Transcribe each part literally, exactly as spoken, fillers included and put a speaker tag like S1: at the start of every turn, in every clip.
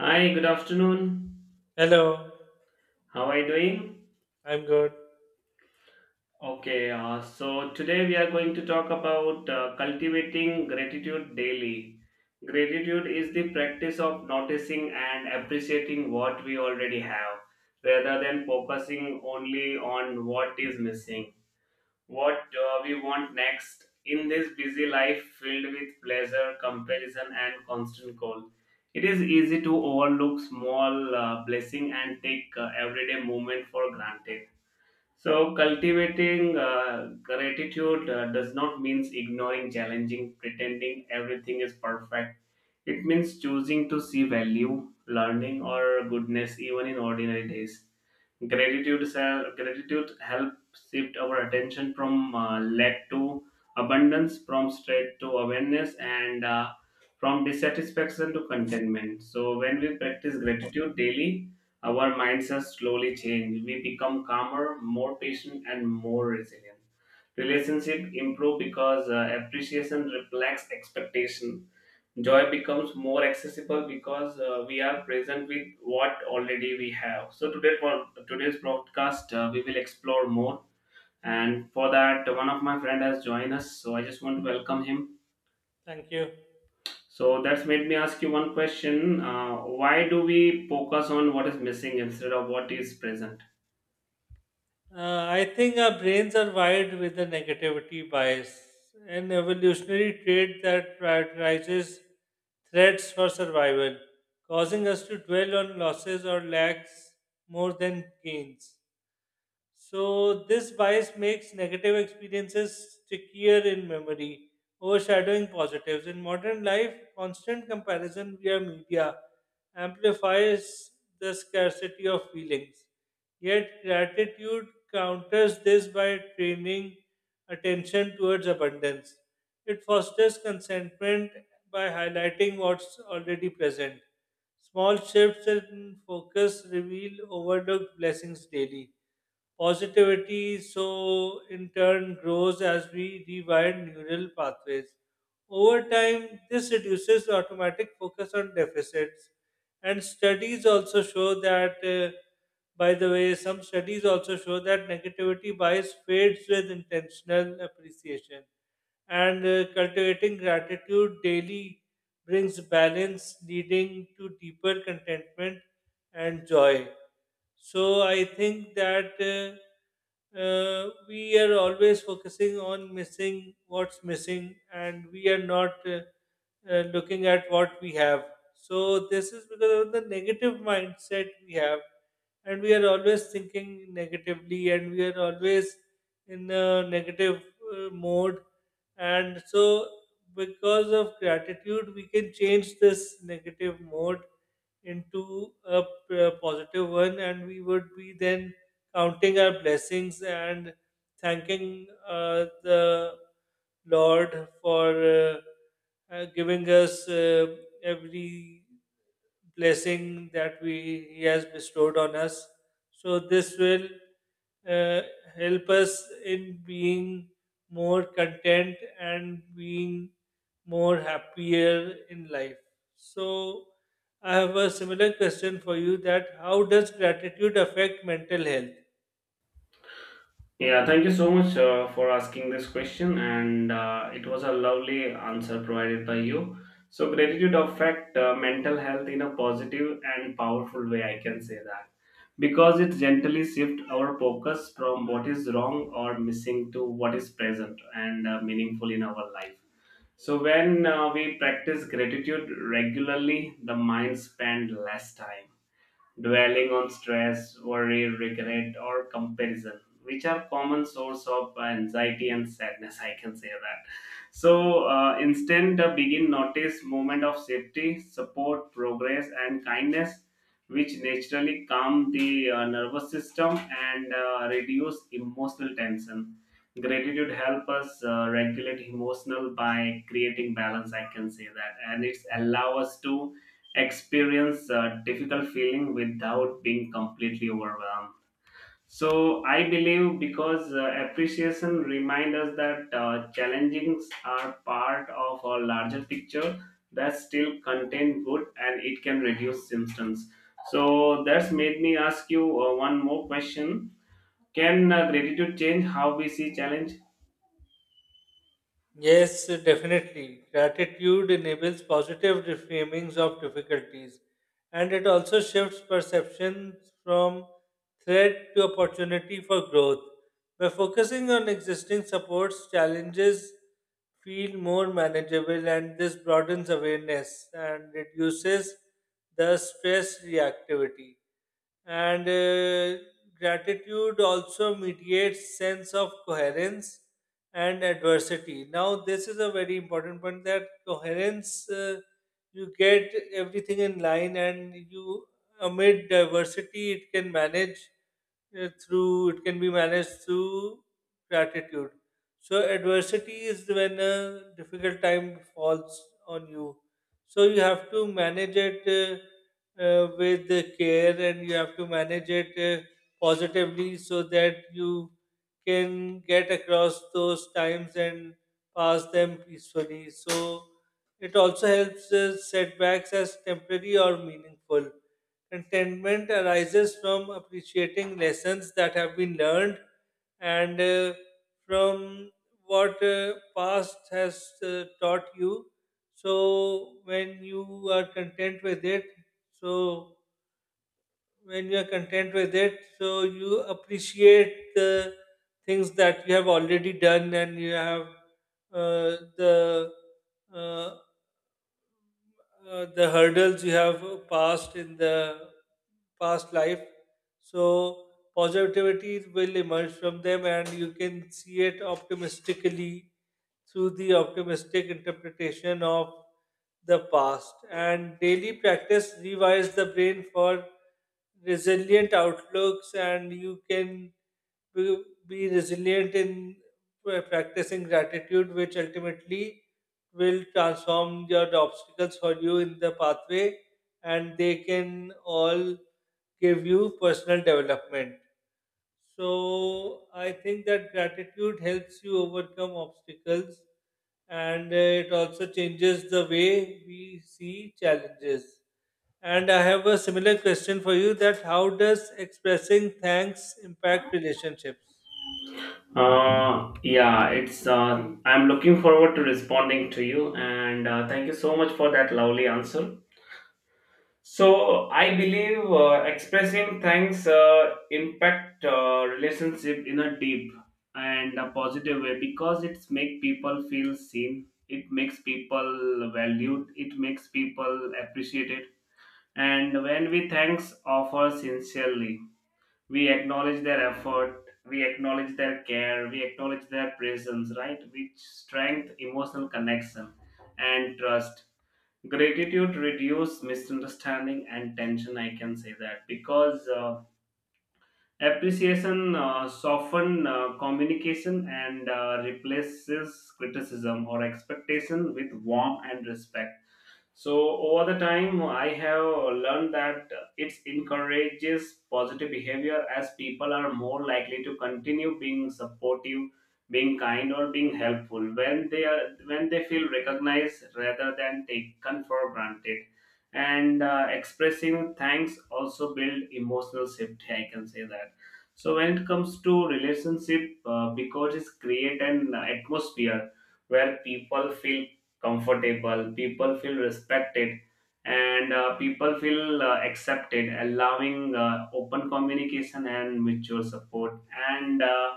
S1: Hi, good afternoon.
S2: Hello,
S1: How are you doing?
S2: I'm good.
S1: Okay, uh, so today we are going to talk about uh, cultivating gratitude daily. Gratitude is the practice of noticing and appreciating what we already have rather than focusing only on what is missing. What uh, we want next in this busy life filled with pleasure, comparison, and constant goal. It is easy to overlook small uh, blessing and take uh, everyday moment for granted. So, cultivating uh, gratitude uh, does not mean ignoring challenging, pretending everything is perfect. It means choosing to see value, learning, or goodness even in ordinary days. Gratitude, sel- gratitude helps shift our attention from uh, lack to abundance, from stress to awareness, and uh, from dissatisfaction to contentment. So, when we practice gratitude daily, our mindsets slowly change. We become calmer, more patient, and more resilient. Relationship improve because uh, appreciation reflects expectation, joy becomes more accessible because uh, we are present with what already we have. So today, for today's broadcast, uh, we will explore more, and for that one of my friend has joined us, so I just want to welcome him.
S2: Thank you.
S1: So that's made me ask you one question: uh, why do we focus on what is missing instead of what is present?
S2: Uh, I think our brains are wired with a negativity bias, an evolutionary trait that prioritizes threats for survival, causing us to dwell on losses or lacks more than gains. So this bias makes negative experiences stickier in memory, overshadowing positives. In modern life, constant comparison via media amplifies the scarcity of feelings. Yet gratitude counters this by training attention towards abundance. It fosters contentment by highlighting what's already present. Small shifts in focus reveal overlooked blessings daily. Positivity, so in turn, grows as we rewire neural pathways. Over time, this reduces automatic focus on deficits. And studies also show that, uh, by the way, some studies also show that negativity bias fades with intentional appreciation and uh, cultivating gratitude daily brings balance leading to deeper contentment and joy. So I think that uh, uh, we are always focusing on missing what's missing, and we are not uh, uh, looking at what we have. So this is because of the negative mindset we have, and we are always thinking negatively, and we are always in a negative uh, mode. And so, because of gratitude, we can change this negative mode into a p- positive one, and we would be then counting our blessings and thanking uh, the Lord for uh, uh, giving us uh, every blessing that we he has bestowed on us. So this will uh, help us in being more content and being more happier in life. So I have a similar question for you: that how does gratitude affect mental health?
S1: Yeah, thank you so much uh, for asking this question, and uh, it was a lovely answer provided by you. So, gratitude affect uh, mental health in a positive and powerful way. I can say that, because it gently shifts our focus from what is wrong or missing to what is present and uh, meaningful in our life. So, when uh, we practice gratitude regularly, the mind spend less time dwelling on stress, worry, regret, or comparison, which are common source of anxiety and sadness. I can say that. So uh, instead, uh, begin notice moment of safety, support, progress, and kindness, which naturally calm the uh, nervous system and uh, reduce emotional tension. Gratitude help us uh, regulate emotional by creating balance. I can say that, and it's allow us to experience a difficult feeling without being completely overwhelmed. So I believe, because uh, appreciation reminds us that uh, challenges are part of a larger picture that still contain good, and it can reduce symptoms. So that's made me ask you uh, one more question. Can uh, gratitude change how we see challenge?
S2: Yes, definitely. Gratitude enables positive reframings of difficulties and it also shifts perceptions from threat to opportunity for growth. By focusing on existing supports, challenges feel more manageable and this broadens awareness and reduces the stress reactivity and uh, gratitude also mediates sense of coherence and adversity. Now this is a very important point, that coherence, uh, you get everything in line and you amid diversity it can manage uh, through it can be managed through gratitude. So adversity is when a difficult time falls on you, so you have to manage it uh, uh, with care and you have to manage it uh, positively so that you can get across those times and pass them peacefully. So it also helps uh, setbacks as temporary or meaningful. Contentment arises from appreciating lessons that have been learned and uh, from what uh, past has uh, taught you. So when you are content with it, so when you are content with it, so you appreciate the things that you have already done and you have uh, the uh, uh, the hurdles you have passed in the past life. So positivity will emerge from them, and you can see it optimistically through the optimistic interpretation of the past. And daily practice rewires the brain for resilient outlooks, and you can be, be resilient in pra- practicing gratitude, which ultimately will transform your the obstacles for you in the pathway, and they can all give you personal development. So I think that gratitude helps you overcome obstacles, and uh, it also changes the way we see challenges. And I have a similar question for you: that how does expressing thanks impact relationships?
S1: Uh, yeah, it's. Uh, I'm looking forward to responding to you, and uh, thank you so much for that lovely answer. So I believe uh, expressing thanks uh, impact uh, relationship in a deep and a positive way, because it's make people feel seen. It makes people valued. It makes people appreciated. And when we thanks offer sincerely, we acknowledge their effort. We acknowledge their care. We acknowledge their presence. Right, which strength emotional connection and trust. Gratitude reduce misunderstanding and tension, I can say that, because uh, appreciation uh, soften uh, communication and uh, replaces criticism or expectation with warmth and respect. So over the time, I have learned that it encourages positive behavior, as people are more likely to continue being supportive, being kind, or being helpful when they are when they feel recognized rather than taken for granted. And uh, expressing thanks also build emotional safety. I can say that. So when it comes to relationship, uh, because it's create an atmosphere where people feel comfortable, people feel respected, and uh, people feel uh, accepted, allowing uh, open communication and mutual support. And uh,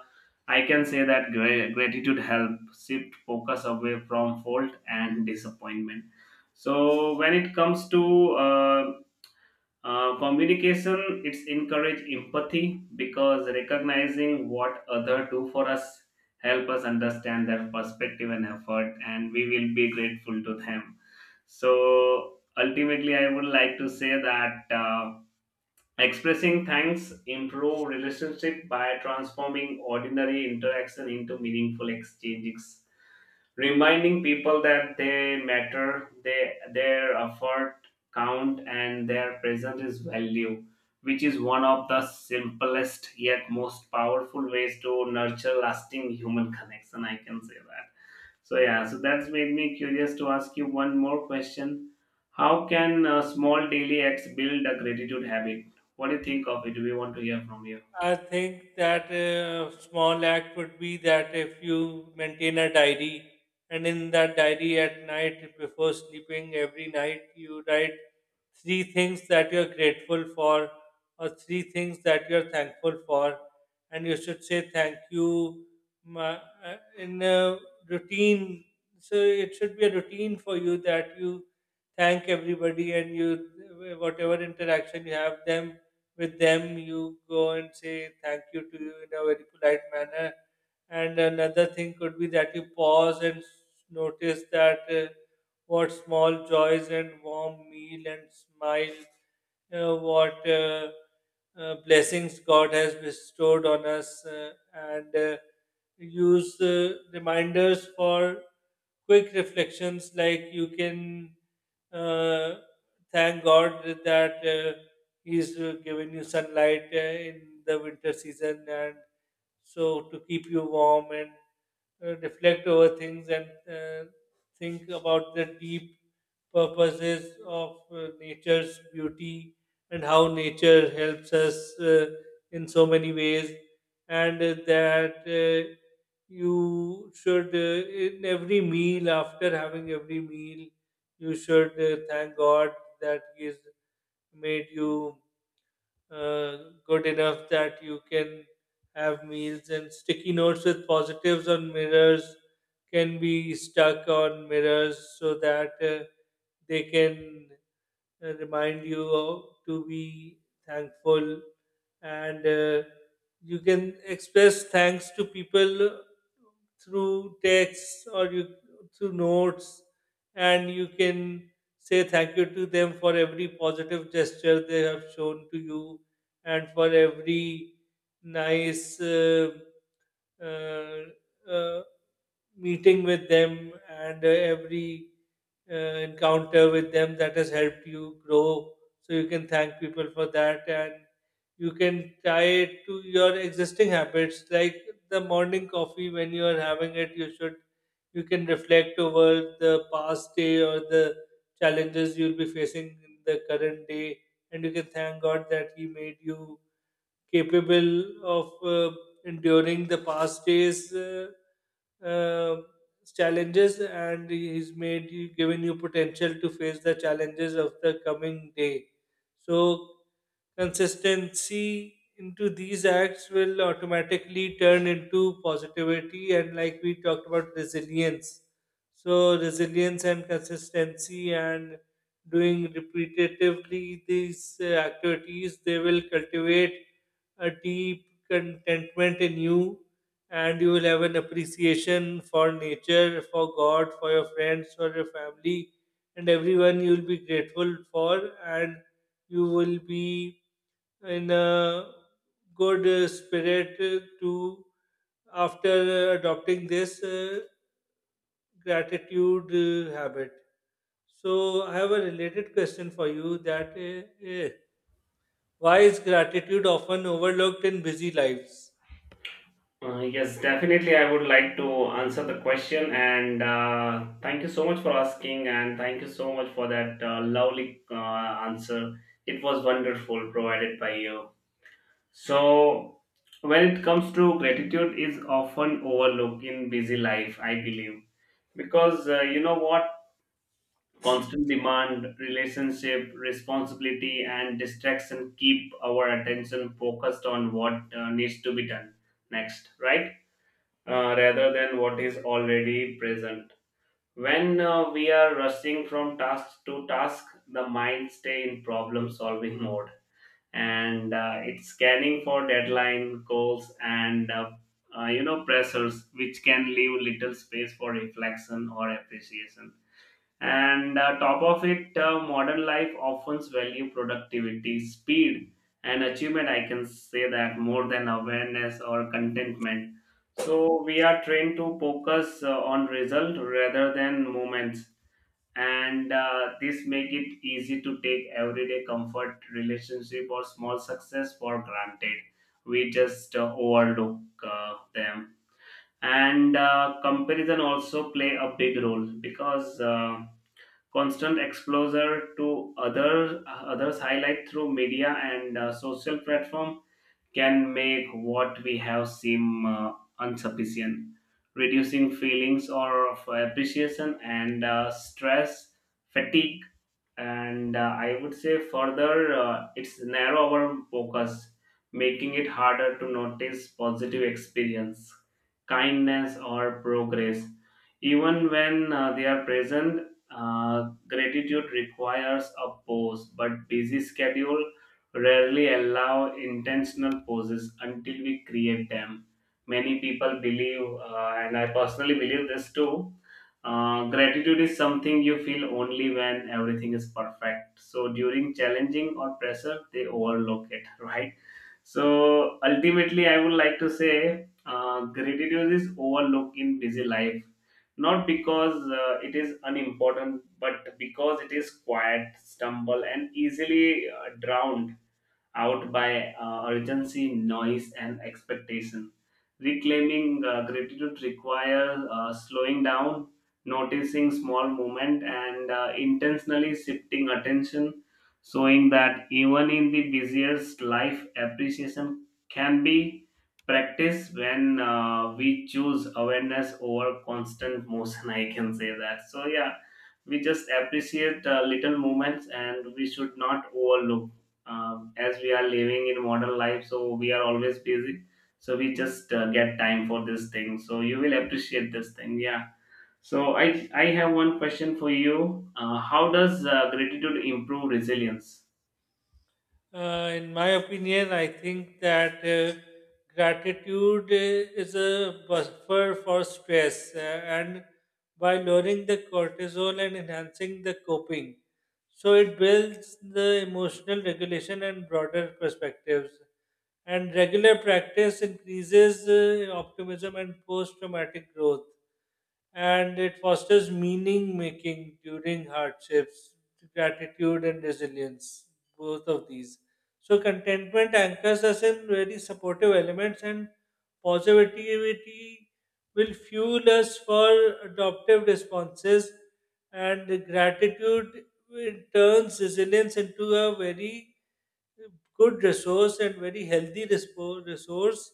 S1: I can say that gra- gratitude help shift focus away from fault and disappointment. So when it comes to uh, uh, communication, it's encourage empathy, because recognizing what other do for us help us understand their perspective and effort, and we will be grateful to them. So ultimately I would like to say that uh, expressing thanks improve relationship by transforming ordinary interaction into meaningful exchanges, reminding people that they matter, they, their effort count, and their presence is value, which is one of the simplest yet most powerful ways to nurture lasting human connection. I can say that. So yeah, so that's made me curious to ask you one more question. How can uh, small daily acts build a gratitude habit? What do you think of it? We want to hear from you?
S2: I think that a small act would be that if you maintain a diary, and in that diary at night before sleeping every night you write three things that you're grateful for or three things that you're thankful for. And you should say thank you ma- uh, uh, in a routine. So it should be a routine for you that you thank everybody, and you whatever interaction you have them with them you go and say thank you to you in a very polite manner. And another thing could be that you pause and s- notice that uh, what small joys and warm meal and smile, uh, what uh, uh, blessings god has bestowed on us, uh, and uh, use uh, reminders for quick reflections, like you can uh, thank god that uh, he's uh, giving you sunlight uh, in the winter season and so to keep you warm, and uh, reflect over things and uh, think about the deep purposes of uh, nature's beauty and how nature helps us uh, in so many ways. And uh, that uh, you should uh, in every meal after having every meal you should uh, thank god that he's made you uh, good enough that you can have meals. And sticky notes with positives on mirrors can be stuck on mirrors so that uh, they can uh, remind you of- to be thankful. And uh, you can express thanks to people through texts or you through notes, and you can say thank you to them for every positive gesture they have shown to you and for every nice uh, uh, uh, meeting with them and uh, every uh, encounter with them that has helped you grow. So you can thank people for that, and you can tie it to your existing habits like the morning coffee. When you are having it you should you can reflect over the past day or the challenges you'll be facing in the current day, and you can thank god that he made you capable of uh, enduring the past day's uh, uh, challenges, and He's made you, given you potential to face the challenges of the coming day. So, consistency into these acts will automatically turn into positivity, and like we talked about, resilience. So, resilience and consistency and doing repetitively these uh, activities, they will cultivate a deep contentment in you, and you will have an appreciation for nature, for God, for your friends, for your family, and everyone you will be grateful for, and you will be in a good uh, spirit uh, to after uh, adopting this uh, gratitude uh, habit. So I have a related question for you that uh, uh, why is gratitude often overlooked in busy lives?
S1: Uh, yes, definitely. I would like to answer the question, and uh, thank you so much for asking, and thank you so much for that uh, lovely uh, answer. It was wonderful provided by you. So, when it comes to gratitude, is often overlooked in busy life, I believe, because uh, you know what, constant demand, relationship, responsibility, and distraction keep our attention focused on what uh, needs to be done next, right? Uh, rather than what is already present. When uh, we are rushing from task to task, the mind stay in problem solving mode, and uh, it's scanning for deadline goals and uh, uh, you know pressures, which can leave little space for reflection or appreciation. And uh, top of it, uh, modern life often value productivity speed and achievement, I can say that, more than awareness or contentment. So we are trained to focus uh, on result rather than moments, and uh, this make it easy to take everyday comfort relationship or small success for granted. We just uh, overlook uh, them. And uh, comparison also play a big role, because uh, constant exposure to other others highlight through media and uh, social platform can make what we have seem uh, insufficient, reducing feelings or of appreciation, and uh, stress, fatigue, and uh, I would say further, uh, it's narrow our focus, making it harder to notice positive experience, kindness, or progress, even when uh, they are present. Uh, gratitude requires a pause, but busy schedule rarely allow intentional pauses until we create them. Many people believe, uh, and I personally believe this too, uh, gratitude is something you feel only when everything is perfect. So during challenging or pressure, they overlook it, right? So ultimately, I would like to say uh, gratitude is overlooked in busy life, not because uh, it is unimportant, but because it is quiet, stumble, and easily uh, drowned out by uh, urgency, noise, and expectation. Reclaiming uh, gratitude requires uh, slowing down, noticing small moment, and uh, intentionally shifting attention, showing that even in the busiest life, appreciation can be practiced when uh, we choose awareness over constant motion. I can say that. So yeah, we just appreciate uh, little moments, and we should not overlook, um, as we are living in modern life, so we are always busy, so we just uh, get time for this thing, so you will appreciate this thing. Yeah. So i i have one question for you: uh, how does uh, gratitude improve resilience?
S2: Uh, in my opinion, I think that uh, gratitude uh, is a buffer for stress, uh, and by lowering the cortisol and enhancing the coping, so it builds the emotional regulation and broader perspectives. And regular practice increases uh, optimism and post-traumatic growth, and it fosters meaning making during hardships, gratitude and resilience, both of these. So contentment anchors us in very supportive elements, and positivity will fuel us for adaptive responses, and gratitude, it turns resilience into a very good resource and very healthy respo- resource.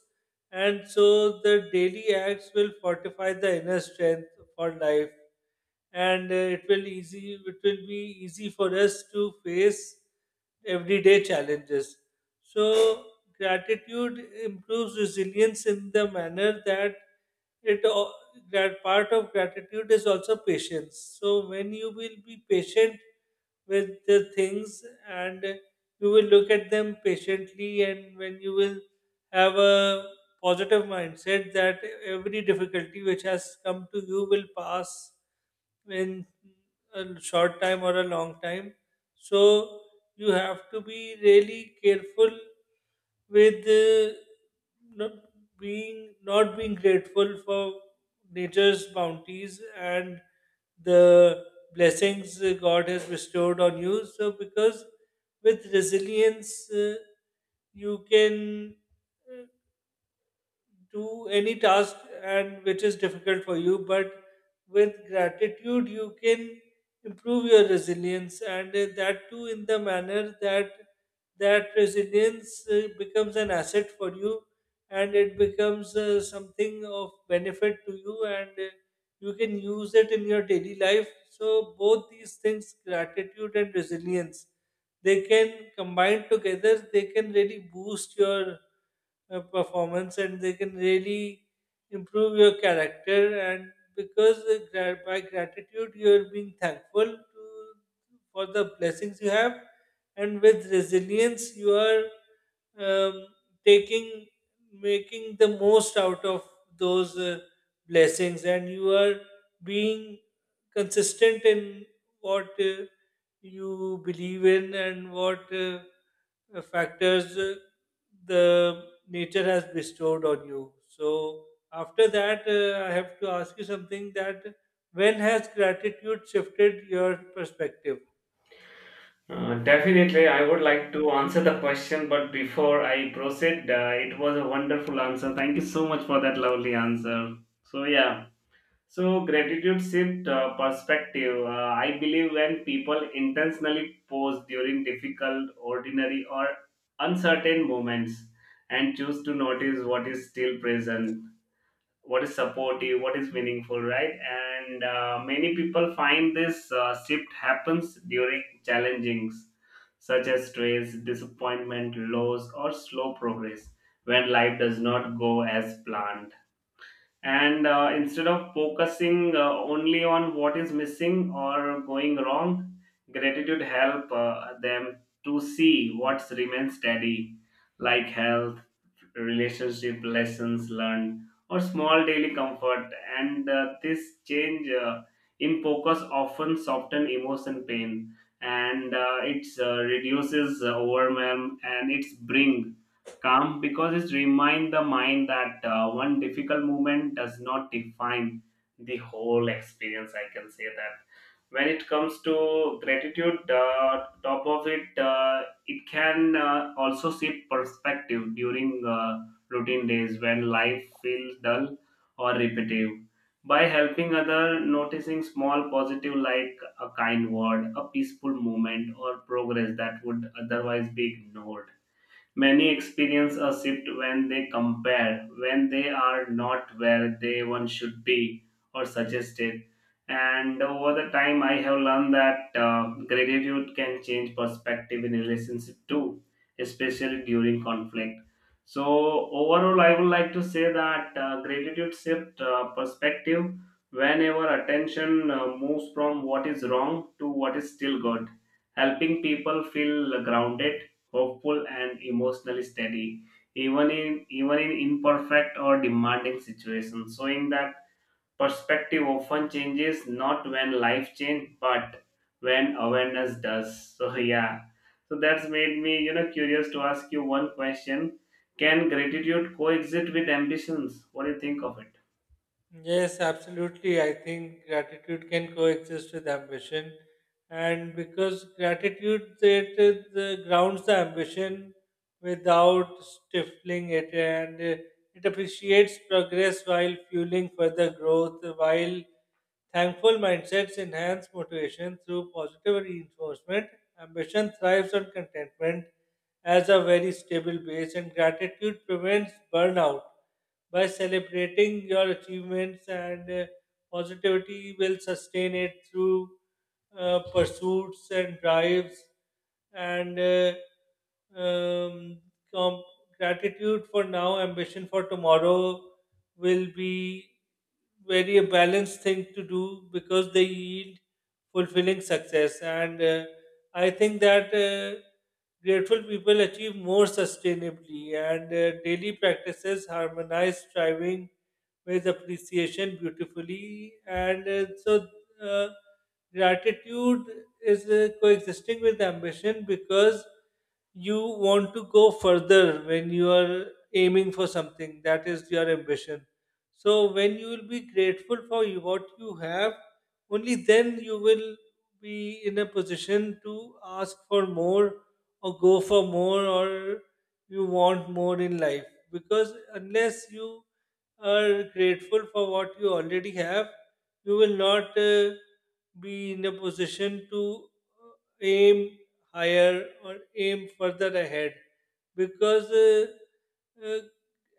S2: And so the daily acts will fortify the inner strength for life, and uh, it will easy. It will be easy for us to face everyday challenges. So gratitude improves resilience in the manner that it al- that part of gratitude is also patience. So when you will be patient with the things and you will look at them patiently, and when you will have a positive mindset that every difficulty which has come to you will pass in a short time or a long time, so you have to be really careful with uh, not being not being grateful for nature's bounties and the blessings uh, God has bestowed on you. So, because with resilience, uh, you can uh, do any task and which is difficult for you, but with gratitude you can improve your resilience, and uh, that too in the manner that that resilience uh, becomes an asset for you and it becomes uh, something of benefit to you, and uh, you can use it in your daily life. So both these things gratitude and resilience, they can combine together, they can really boost your uh, performance and they can really improve your character. And because uh, gra- by gratitude you're being thankful to, for the blessings you have, and with resilience you are um, taking making the most out of those uh, blessings, and you are being consistent in what uh, you believe in and what uh, uh, factors uh, the nature has bestowed on you. So, after that, uh, I have to ask you something: that when has gratitude shifted your perspective?
S1: uh, Definitely, I would like to answer the question, but before I proceed, uh, it was a wonderful answer, thank you so much for that lovely answer. So yeah. So, gratitude shift uh, perspective. Uh, I believe when people intentionally pause during difficult, ordinary, or uncertain moments and choose to notice what is still present, what is supportive, what is meaningful, right? And uh, many people find this uh, shift happens during challengings such as stress, disappointment, loss, or slow progress, when life does not go as planned. And uh, instead of focusing uh, only on what is missing or going wrong, gratitude help uh, them to see what remains steady, like health, relationship lessons learned, or small daily comfort. And uh, this change uh, in focus often soften emotion pain, and uh, it uh, reduces uh, overwhelm, and it's bring calm, because it remind the mind that uh, one difficult moment does not define the whole experience. I can say that. When it comes to gratitude, uh, top of it, uh, it can uh, also shift perspective during uh, routine days, when life feels dull or repetitive. By helping other noticing small positive like a kind word, a peaceful moment, or progress that would otherwise be ignored. Many experience a shift when they compare, when they are not where they one should be or suggested. And over the time, I have learned that uh, gratitude can change perspective in relationship too, especially during conflict. So overall, I would like to say that uh, gratitude shift uh, perspective whenever attention uh, moves from what is wrong to what is still good, helping people feel grounded, hopeful, and emotionally steady, even in even in imperfect or demanding situations, showing that perspective often changes not when life change but when awareness does. So yeah, so that's made me you know curious to ask you one question: can gratitude coexist with ambitions? What do you think of it?
S2: Yes, absolutely. I think gratitude can coexist with ambition, and because gratitude it, it, uh, grounds the ambition without stifling it, and uh, it appreciates progress while fueling further growth. While thankful mindsets enhance motivation through positive reinforcement, ambition thrives on contentment as a very stable base, and gratitude prevents burnout by celebrating your achievements, and uh, positivity will sustain it through uh, pursuits and drives and uh, um, com- gratitude for now ambition for tomorrow will be very a balanced thing to do because they yield fulfilling success. And uh, I think that uh, grateful people achieve more sustainably, and uh, daily practices harmonize striving with appreciation beautifully. And uh, so, uh, gratitude is uh, coexisting with ambition because you want to go further when you are aiming for something that is your ambition. So, when you will be grateful for you- what you have, only then you will be in a position to ask for more or go for more or you want more in life, because unless you are grateful for what you already have you will not uh, be in a position to uh, aim higher or aim further ahead, because uh, uh,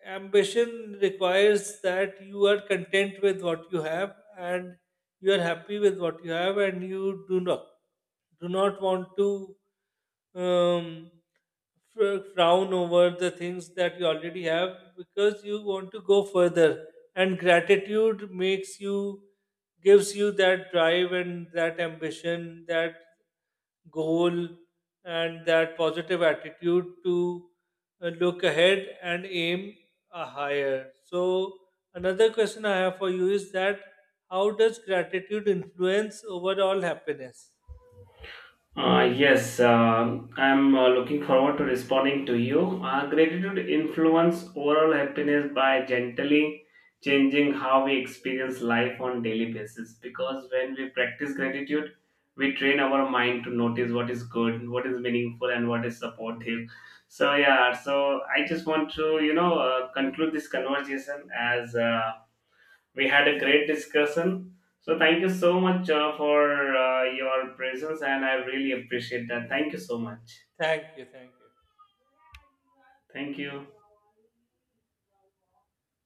S2: ambition requires that you are content with what you have and you are happy with what you have and you do not do not want to um, fr- frown over the things that you already have because you want to go further. And gratitude makes you gives you that drive and that ambition, that goal, and that positive attitude to uh, look ahead and aim a higher. So another question I have for you is that how does gratitude influence overall happiness?
S1: Uh, yes, uh, I'm uh, looking forward to responding to you. Uh, gratitude influence overall happiness by gently changing how we experience life on daily basis. Because when we practice gratitude, we train our mind to notice what is good, what is meaningful, and what is supportive. So yeah, so I just want to you know uh, conclude this conversation as. Uh, we had a great discussion. So thank you so much uh, for uh, your presence, and I really appreciate that. Thank you so much.
S2: Thank you, thank you.
S1: Thank you.